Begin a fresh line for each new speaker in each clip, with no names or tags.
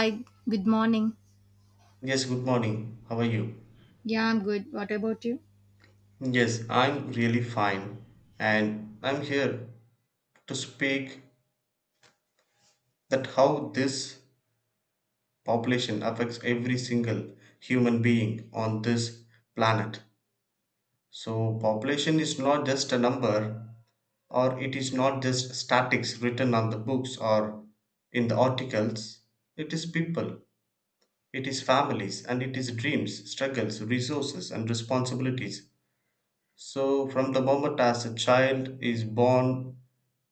Hi, good morning.
Yes, good morning. How are you?
Yeah, I'm good. What about you?
Yes, I'm really fine. And I'm here to speak that how this population affects every single human being on this planet. So population is not just a number, or it is not just statics written on the books or in the articles. It is people, it is families, and it is dreams, struggles, resources, and responsibilities. So from the moment as a child is born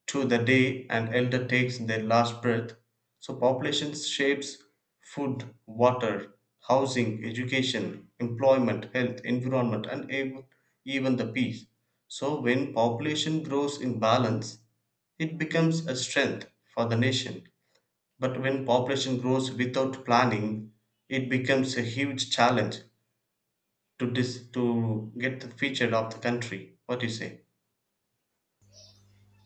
to the day an elder takes their last breath, so population shapes food, water, housing, education, employment, health, environment, and even the peace. So when population grows in balance, it becomes a strength for the nation. But when population grows without planning, it becomes a huge challenge to get the future of the country. What do you say?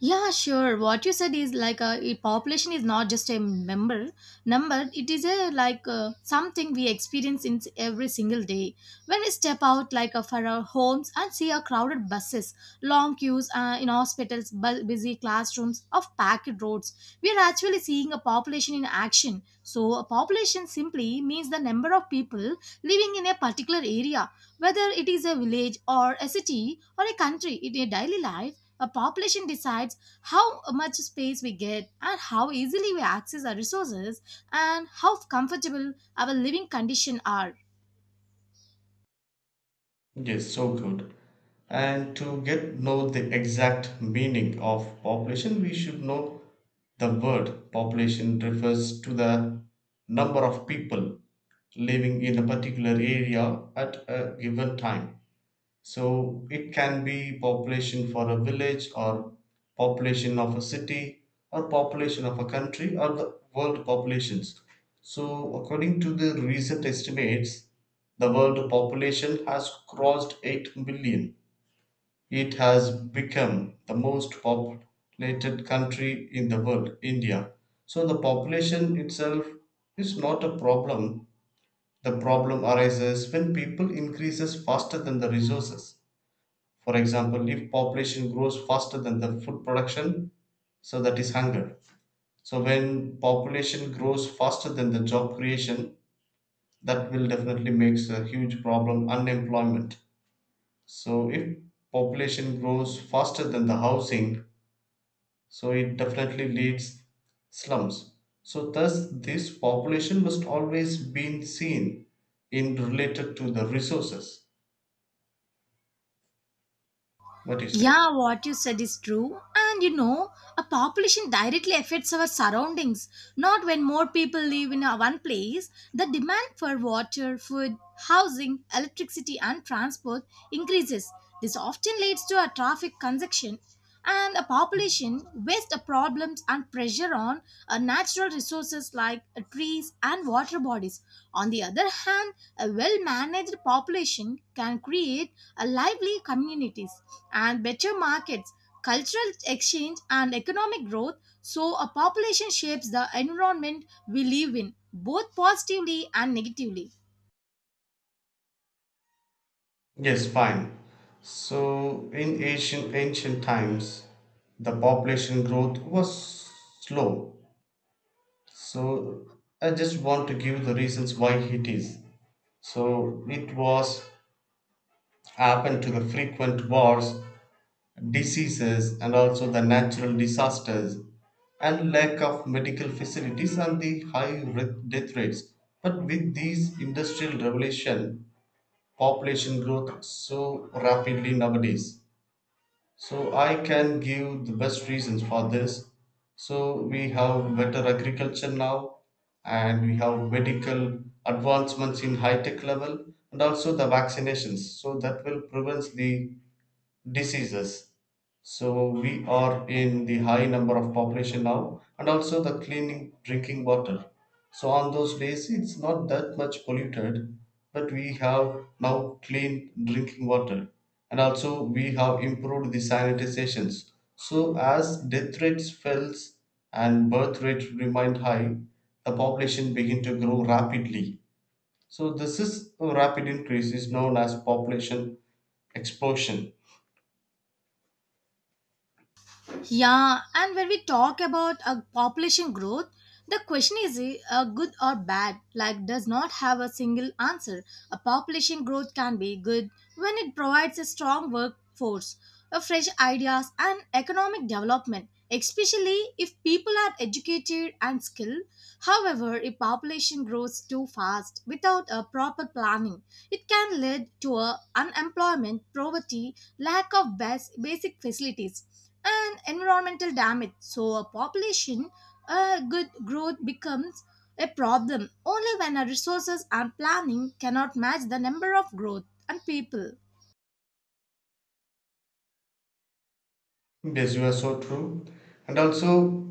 Yeah, sure. What you said is like a population is not just a member number. It is a like something we experience in every single day. When we step out for our homes and see our crowded buses, long queues in hospitals, busy classrooms, of packed roads, we are actually seeing a population in action. So a population simply means the number of people living in a particular area, whether it is a village or a city or a country. In a daily life a population decides how much space we get and how easily we access our resources and how comfortable our living conditions are.
Yes, so good. And to get know the exact meaning of population, we should know the word population refers to the number of people living in a particular area at a given time. So it can be population for a village, or population of a city, or population of a country, or the world populations. So according to the recent estimates, the world population has crossed 8 billion. It has become the most populated country in the world, India. So the population itself is not a problem. The problem arises when people increases faster than the resources. For example, if population grows faster than the food production, so that is hunger. So when population grows faster than the job creation, that will definitely makes a huge problem, unemployment. So if population grows faster than the housing, so it definitely leads slums. So thus this population must always be seen in related to the resources. What do you say?
Yeah, what you said is true. And you know, a population directly affects our surroundings. Not when more people live in a one place, the demand for water, food, housing, electricity, and transport increases. This often leads to a traffic congestion and a population waste of problems and pressure on natural resources like trees and water bodies. On the other hand, a well managed population can create a lively communities and better markets, cultural exchange, and economic growth. So, a population shapes the environment we live in, both positively and negatively.
Yes, fine. So in ancient times, the population growth was slow. So I just want to give the reasons why it is. So it was happened to the frequent wars, diseases, and also the natural disasters, and lack of medical facilities and the death rates. But with these industrial revolution, population growth so rapidly nowadays. So I can give the best reasons for this. So we have better agriculture now, and we have medical advancements in high tech level, and also the vaccinations. So that will prevent the diseases. So we are in the high number of population now, and also the cleaning drinking water. So on those days, it's not that much polluted, but we have now clean drinking water, and also we have improved the sanitizations. So as death rates falls and birth rate remained high, the population begin to grow rapidly. So this is a rapid increase is known as population explosion.
Yeah, and when we talk about a population growth, the question is good or bad, like does not have a single answer. A population growth can be good when it provides a strong workforce, a fresh ideas and economic development, especially if people are educated and skilled. However, if population grows too fast without a proper planning, it can lead to a unemployment, poverty, lack of basic facilities, and environmental damage. So, a population good growth becomes a problem only when our resources and planning cannot match the number of growth and people.
Yes, you are so true. And also,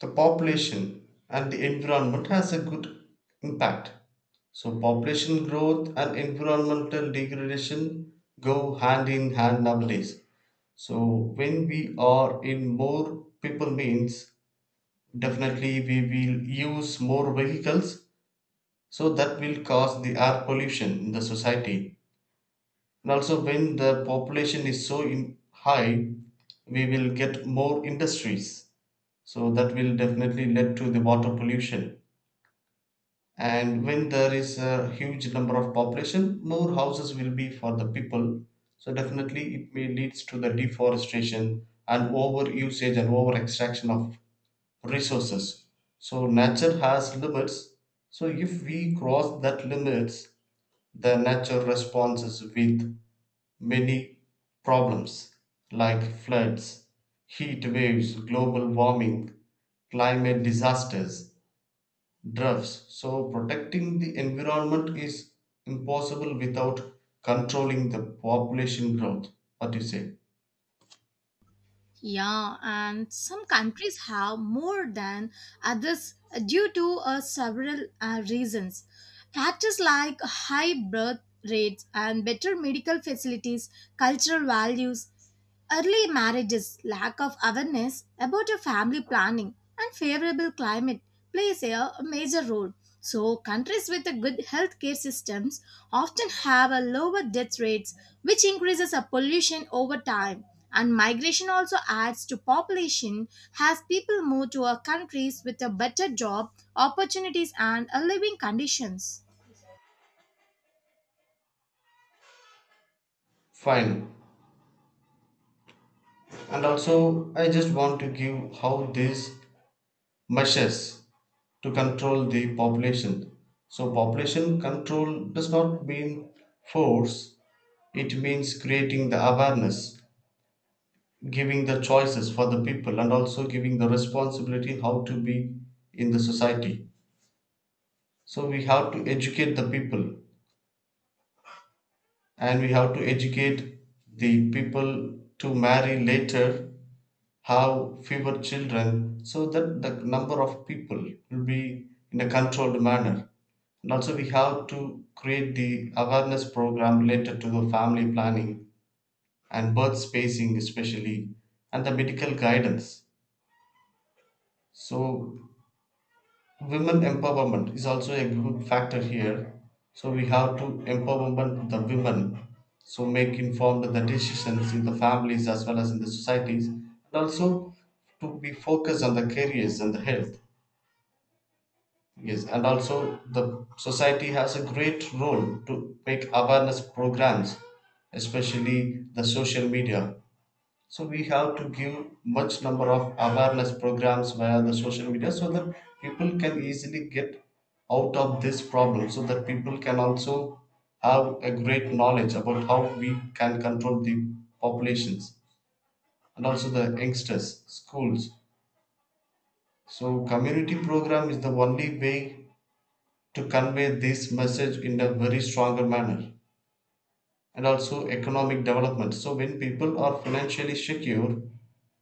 the population and the environment has a good impact. So population growth and environmental degradation go hand in hand nowadays. So when we are in more people means, definitely we will use more vehicles. So that will cause the air pollution in the society. And also, when the population is so in high, we will get more industries, so that will definitely lead to the water pollution. And when there is a huge number of population, more houses will be for the people, so definitely it may leads to the deforestation and over usage and over extraction of resources. So nature has limits. So if we cross that limits, the nature responses with many problems, like floods, heat waves, global warming, climate disasters, drugs. So protecting the environment is impossible without controlling the population growth. What do you say?
Yeah, and some countries have more than others due to several reasons. Factors like high birth rates and better medical facilities, cultural values, early marriages, lack of awareness about your family planning, and favorable climate plays a major role. So, countries with a good healthcare systems often have a lower death rates, which increases a pollution over time. And migration also adds to population as people move to a countries with a better job opportunities and a living conditions.
Fine. And also, I just want to give how these measures to control the population. So population control does not mean force. It means creating the awareness, giving the choices for the people, and also giving the responsibility how to be in the society. So we have to educate the people, and we have to educate the people to marry later, have fewer children, so that the number of people will be in a controlled manner. And also we have to create the awareness program related to the family planning and birth spacing especially, and the medical guidance. So women empowerment is also a good factor here. So we have to empowerment the women, so make informed the decisions in the families as well as in the societies, and also to be focused on the careers and the health. Yes, and also the society has a great role to make awareness programs, especially the social media. So we have to give much number of awareness programs via the social media, so that people can easily get out of this problem, so that people can also have a great knowledge about how we can control the populations. And also the youngsters schools, so community program is the only way to convey this message in a very stronger manner. And also economic development. So when people are financially secure,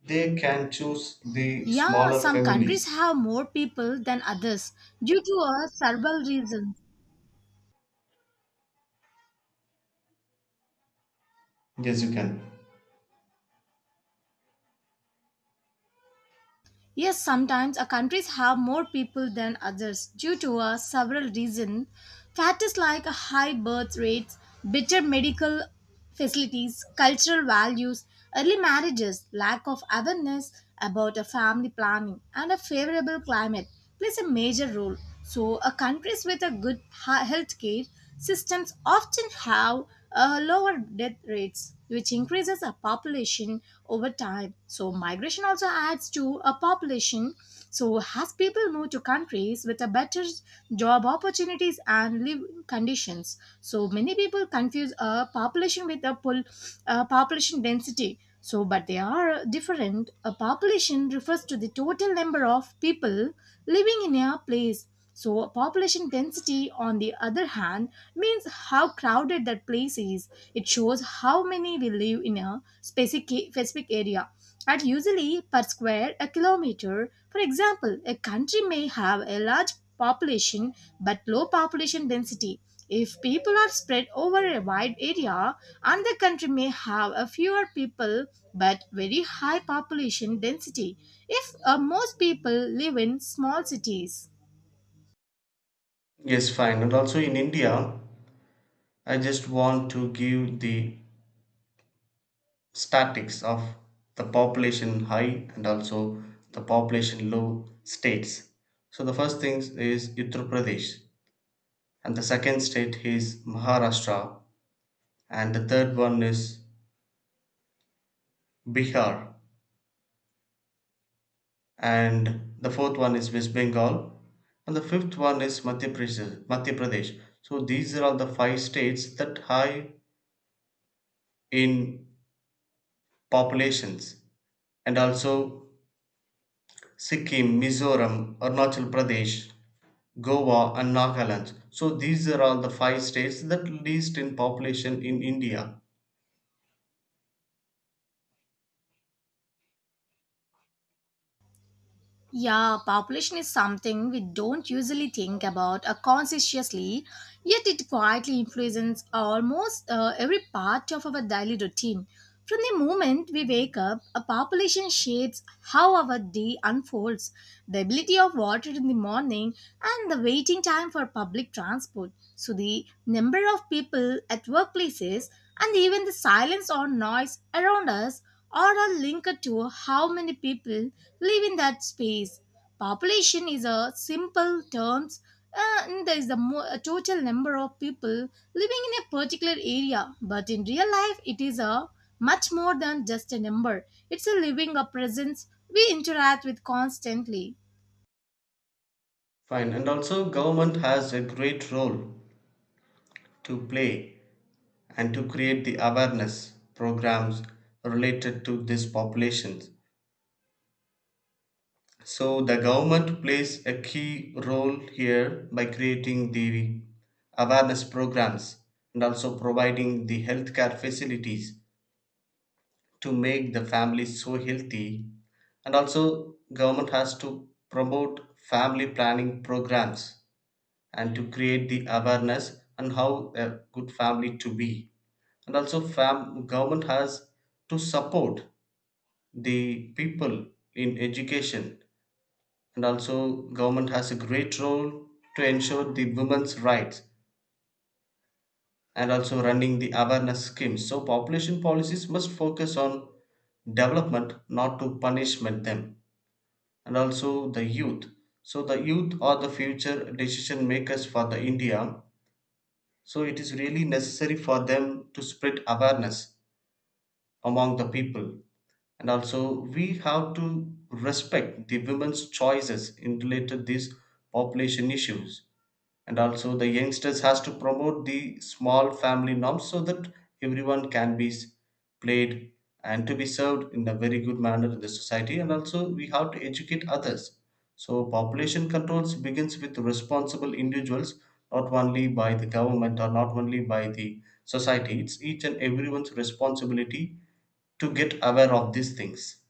they can choose the
Yeah,
smaller
some countries
families.
have more people than others due to a several reasons.
Yes, you can.
Yes, sometimes a countries have more people than others due to a several reasons. Factors like high birth rates, better medical facilities, cultural values, early marriages, lack of awareness about a family planning, and a favorable climate plays a major role. So, a countries with a good health care systems often have lower death rates, which increases a population over time. So migration also adds to a population. So as people move to countries with a better job opportunities and living conditions, so many people confuse a population with population density. So, but they are different. A population refers to the total number of people living in a place. So, population density, on the other hand, means how crowded that place is. It shows how many will live in a specific area at usually per square a kilometer. For example, a country may have a large population but low population density. If people are spread over a wide area, another country may have a fewer people but very high population density. If most people live in small cities.
Yes, fine. And also in India, I just want to give the statistics of the population high and also the population low states. So the first thing is Uttar Pradesh, and the second state is Maharashtra, and the third one is Bihar, and the fourth one is West Bengal, and the fifth one is Madhya Pradesh. Madhya Pradesh. So these are all the five states that high in populations. And also Sikkim, Mizoram, Arunachal Pradesh, Goa, and Nagaland. So these are all the five states that least in population in India.
Yeah, population is something we don't usually think about consciously, yet it quietly influences almost every part of our daily routine. From the moment we wake up, a population shapes how our day unfolds, the ability of water in the morning, and the waiting time for public transport. So, the number of people at workplaces and even the silence or noise around us are all linked to how many people live in that space. Population is a simple terms and there is a total number of people living in a particular area. But in real life, it is a much more than just a number. It's a living a presence we interact with constantly.
Fine, and also government has a great role to play and to create the awareness programs related to these populations. So the government plays a key role here by creating the awareness programs, and also providing the healthcare facilities to make the families so healthy. And also government has to promote family planning programs and to create the awareness on how a good family to be. And also government has to support the people in education. And also government has a great role to ensure the women's rights and also running the awareness schemes. So population policies must focus on development, not to punishment them. And also the youth. So the youth are the future decision makers for the India. So it is really necessary for them to spread awareness among the people. And also we have to respect the women's choices in related these population issues. And also the youngsters has to promote the small family norms, so that everyone can be played and to be served in a very good manner in the society. And also we have to educate others. So population controls begins with responsible individuals, not only by the government or not only by the society. It's each and everyone's responsibility to get aware of these things.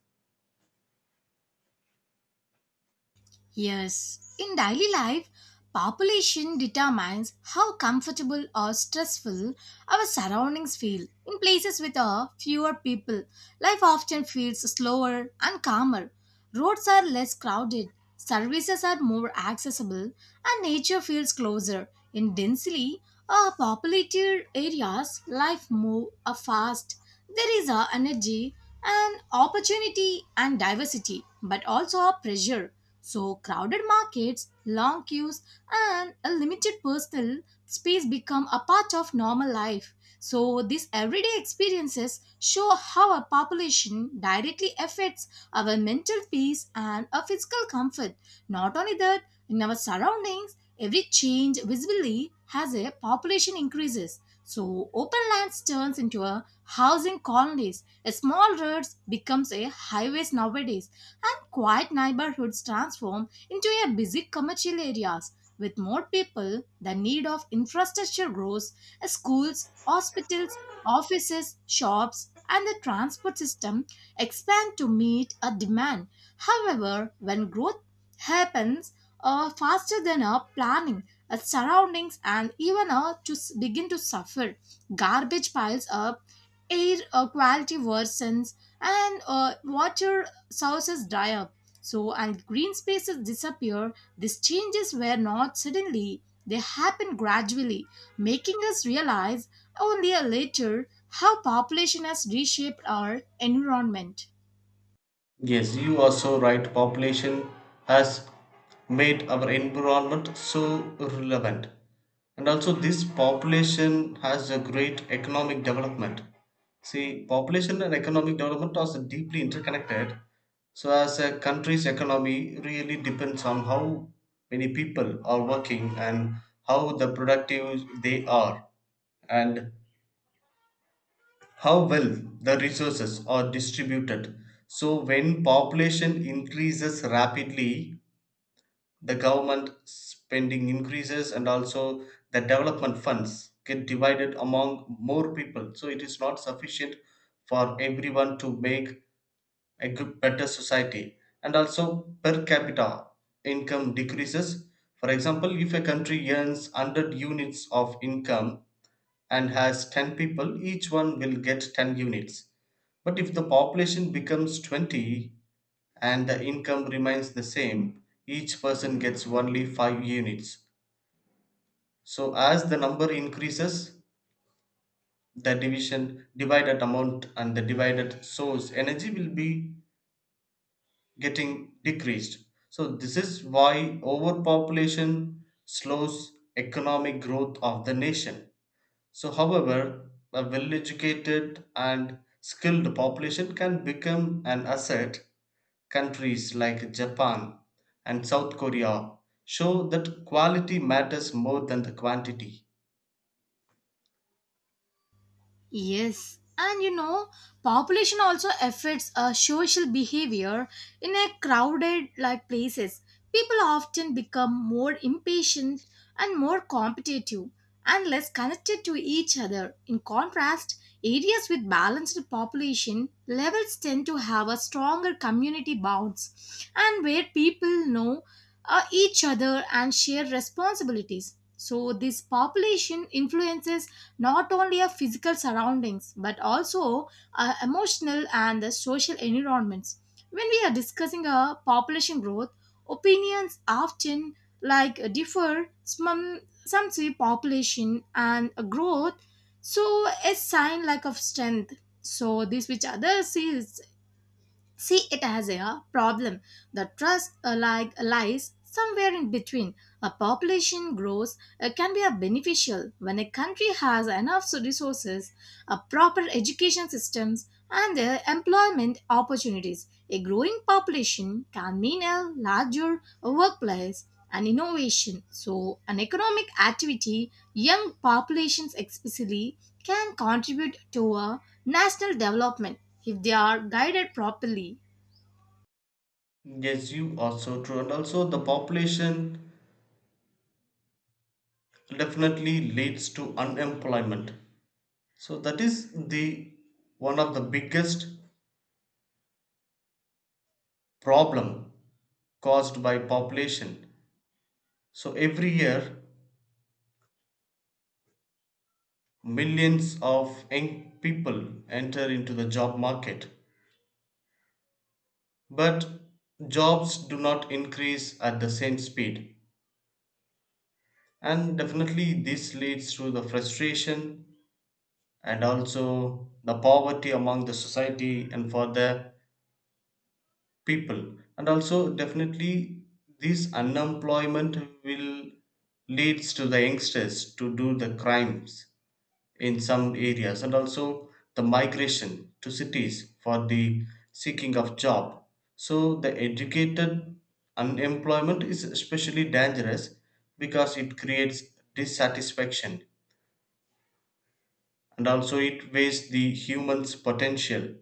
Yes, in daily life, population determines how comfortable or stressful our surroundings feel. In places with a fewer people, life often feels slower and calmer. Roads are less crowded, services are more accessible, and nature feels closer. In densely populated areas, life moves fast. There is a energy and opportunity and diversity, but also a pressure. So, crowded markets, long queues, and a limited personal space become a part of normal life. So, these everyday experiences show how our population directly affects our mental peace and our physical comfort. Not only that, in our surroundings, every change visibly has a population increases. So, open lands turns into a housing colonies. A small roads becomes a highways nowadays and quiet neighborhoods transform into a busy commercial areas. With more people the need of infrastructure grows, schools, hospitals, offices, shops, and the transport system expand to meet a demand. However, when growth happens faster than our planning, our surroundings and even begin to suffer. Garbage piles up, air quality worsens, and water sources dry up, so and green spaces disappear. These changes were not suddenly, they happened gradually, making us realize only later how population has reshaped our environment.
Yes, you are so right. Population has made our environment so relevant. And also, this population has a great economic development. See, population and economic development are so deeply interconnected. So as a country's economy really depends on how many people are working, and how the productive they are, and how well the resources are distributed. So when population increases rapidly, the government spending increases, and also the development funds get divided among more people. So it is not sufficient for everyone to make a good, better society. And also, per capita income decreases. For example, if a country earns 100 units of income and has 10 people, each one will get 10 units. But if the population becomes 20 and the income remains the same, each person gets only 5 units. So as the number increases, the division divided amount and the divided source energy will be getting decreased. So this is why overpopulation slows economic growth of the nation. So however, a well educated and skilled population can become an asset. Countries like Japan and South Korea show that quality matters more than the quantity.
Yes, and you know, population also affects social behavior in a crowded like places. People often become more impatient and more competitive and less connected to each other. In contrast, areas with balanced population levels tend to have a stronger community bonds and where people know each other and share responsibilities. So, this population influences not only our physical surroundings but also our emotional and the social environments. When we are discussing a population growth, opinions often like differ. Some say population and a growth, so a sign like of strength. So this which others sees see it as a problem. The trust like lies somewhere in between. A population grows can be a beneficial when a country has enough resources, a proper education systems, and employment opportunities. A growing population can mean a larger workplace and innovation. So, an economic activity, young populations especially, can contribute to a national development if they are guided properly.
Yes, you are so true. And also, the population definitely leads to unemployment. So that is the one of the biggest problem caused by population. So every year millions of young people enter into the job market, but jobs do not increase at the same speed. And definitely, this leads to the frustration and also the poverty among the society and for the people. And also, definitely, this unemployment will leads to the youngsters to do the crimes in some areas, and also the migration to cities for the seeking of job. So the educated unemployment is especially dangerous, because it creates dissatisfaction, and also it wastes the human's potential.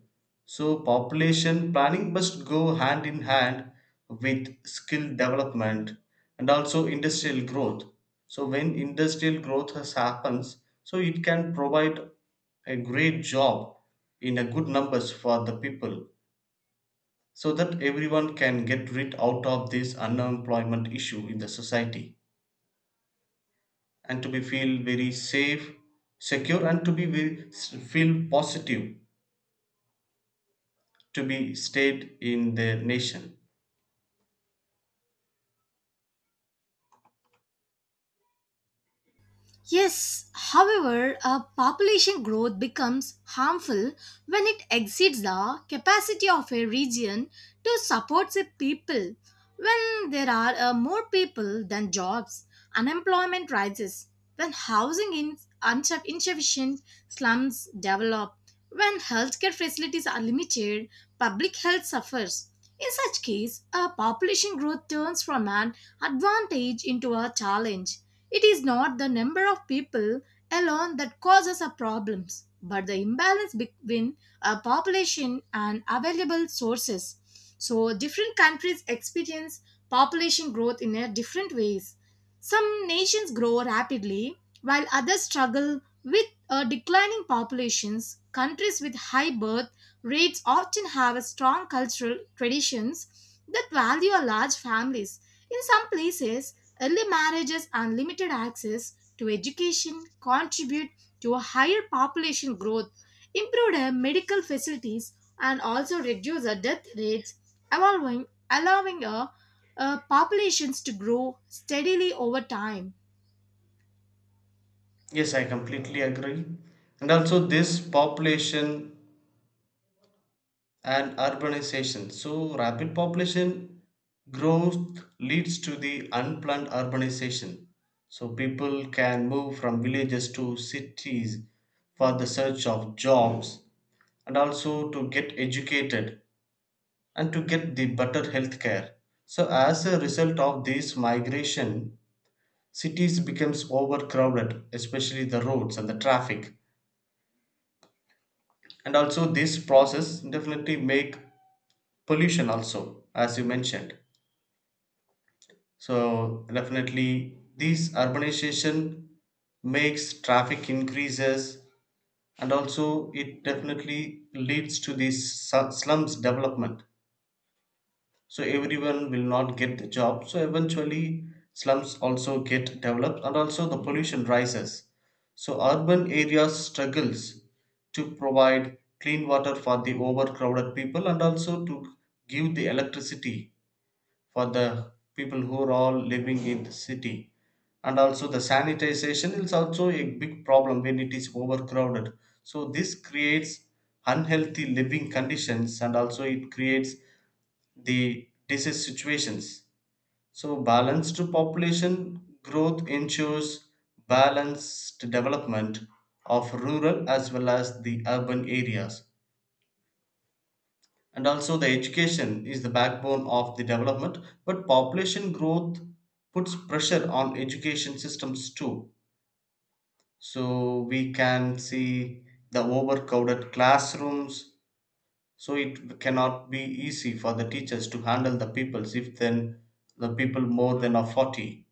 So population planning must go hand in hand with skill development and also industrial growth. So, when industrial growth has happens, so it can provide a great job in a good numbers for the people so that everyone can get rid out of this unemployment issue in the society and to be feel very safe secure and to be very, feel positive to be stayed in the nation.
Yes, however, a population growth becomes harmful when it exceeds the capacity of a region to support the people. When there are more people than jobs, unemployment rises. When housing is insufficient, slums develop. When healthcare facilities are limited, public health suffers. In such case, a population growth turns from an advantage into a challenge. It is not the number of people alone that causes our problems, but the imbalance between a population and available sources. So, different countries experience population growth in a different ways. Some nations grow rapidly, while others struggle with declining populations. Countries with high birth rates often have a strong cultural traditions that value a large families. In some places, early marriages and limited access to education contribute to a higher population growth, improved medical facilities, and also reduce the death rates, allowing, allowing populations to grow steadily over time.
Yes, I completely agree. And also, this population and urbanization. So, rapid population growth leads to the unplanned urbanization. So, people can move from villages to cities for the search of jobs and also to get educated and to get the better health care. So, as a result of this migration, cities becomes overcrowded, especially the roads and the traffic, and also this process definitely make pollution also, as you mentioned. So definitely this urbanization makes traffic increases and also it definitely leads to this slums development. So everyone will not get the job, so eventually slums also get developed and also the pollution rises. So urban areas struggles to provide clean water for the overcrowded people and also to give the electricity for the people who are all living in the city. And also the sanitization is also a big problem when it is overcrowded, so this creates unhealthy living conditions and also it creates the disease situations. So, balanced population growth ensures balanced development of rural as well as the urban areas. And also, the education is the backbone of the development, but population growth puts pressure on education systems too. So, we can see the overcrowded classrooms. So it cannot be easy for the teachers to handle the peoples if then the people more than are 40.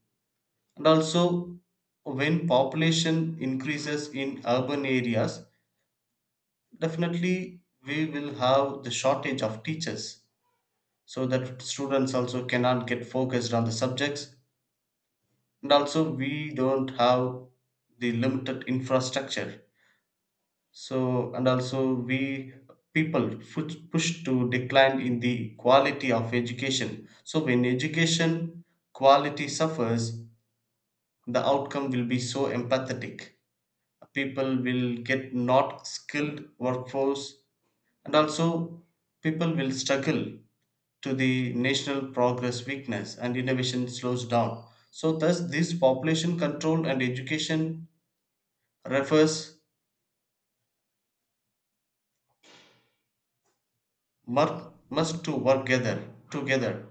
And also, when population increases in urban areas, definitely we will have the shortage of teachers so that students also cannot get focused on the subjects, and also we don't have the limited infrastructure. So, and also we people push to decline in the quality of education. So, when education quality suffers, the outcome will be so empathetic. People will get not skilled workforce, and also people will struggle to the national progress weakness and innovation slows down. So, thus, this population control and education refers must must to work together together.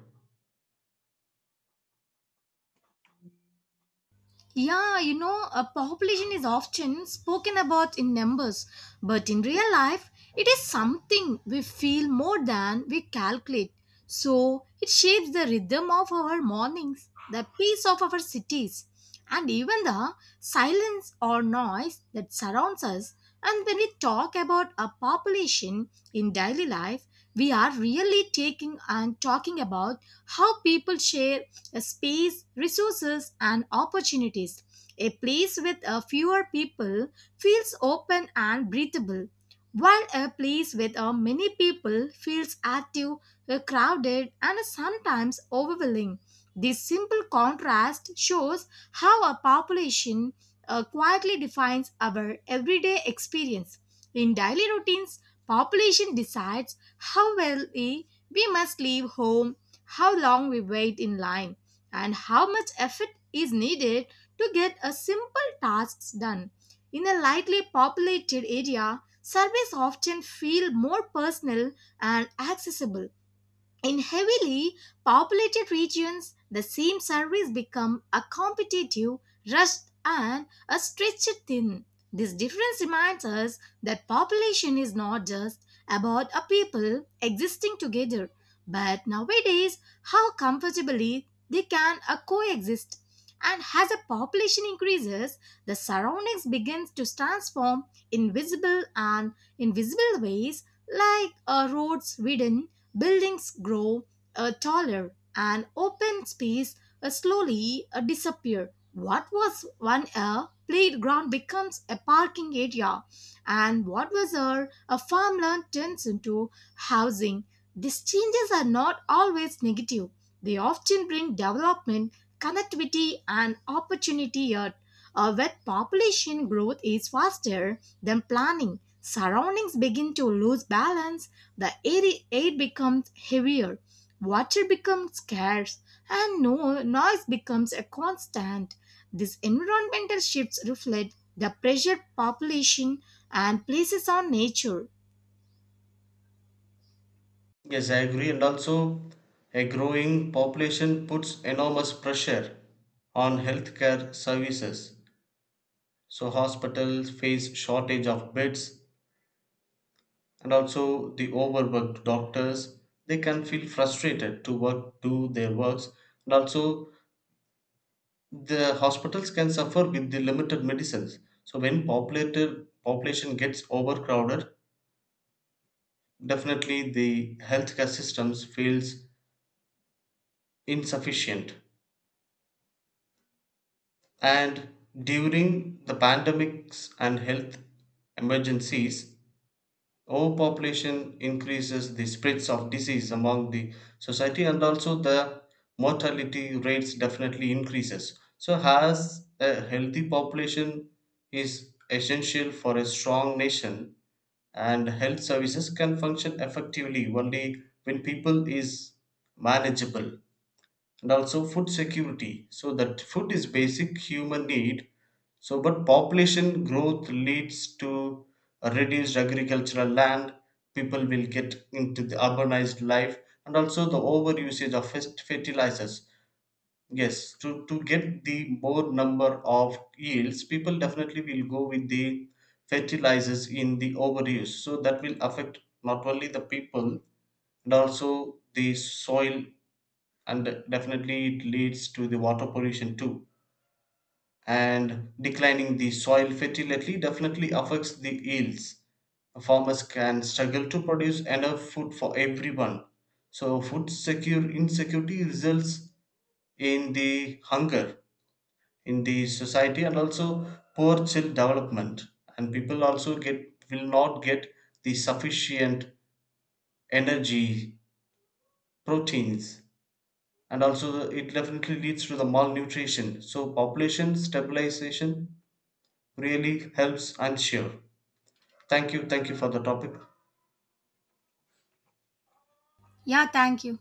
Yeah, you know, a population is often spoken about in numbers, but in real life, it is something we feel more than we calculate. So, it shapes the rhythm of our mornings, the pace of our cities, and even the silence or noise that surrounds us. And when we talk about a population in daily life, we are really taking and talking about how people share space, resources, and opportunities. A place with a fewer people feels open and breathable, while a place with a many people feels active, crowded, and sometimes overwhelming. This simple contrast shows how a population quietly defines our everyday experience. In daily routines, population decides how well we must leave home, how long we wait in line and how much effort is needed to get a simple tasks done. In a lightly populated area, surveys often feel more personal and accessible. In heavily populated regions, the same service become a competitive, rushed, and a stretched thin. This difference reminds us that population is not just about a people existing together, but nowadays how comfortably they can coexist. And as a population increases, the surroundings begins to transform in visible and invisible ways like roads, widden. Buildings grow taller and open space slowly disappear. What was one a playground becomes a parking area, and what was a farmland turns into housing. These changes are not always negative. They often bring development, connectivity, and opportunity. Yet, where population growth is faster than planning. Surroundings begin to lose balance. The air becomes heavier, water becomes scarce, and no noise becomes a constant. These environmental shifts reflect the pressure population and places on nature.
Yes, I agree. And also, a growing population puts enormous pressure on healthcare services. So, hospitals face shortage of beds and also the overworked doctors. They can feel frustrated to work, do their works. And also, the hospitals can suffer with the limited medicines. So, when populated population gets overcrowded, definitely the healthcare systems feels insufficient. And during the pandemics and health emergencies, overpopulation increases the spreads of disease among the society and also the mortality rates definitely increases. So has a healthy population is essential for a strong nation, and health services can function effectively only when people is manageable. And also food security, so that food is basic human need. So but population growth leads to a reduced agricultural land, people will get into the urbanized life, and also the overusage of fertilizers. Yes, to get the more number of yields, people definitely will go with the fertilizers in the overuse, so that will affect not only the people and also the soil, and definitely it leads to the water pollution too. And declining the soil fertility definitely affects the yields. Farmers can struggle to produce enough food for everyone, so food secure insecurity results in the hunger in the society, and also poor child development, and people also get will not get the sufficient energy, proteins. And also it definitely leads to the malnutrition. So population stabilization really helps, I'm sure. Thank you, thank you for the topic.
Yeah, thank you.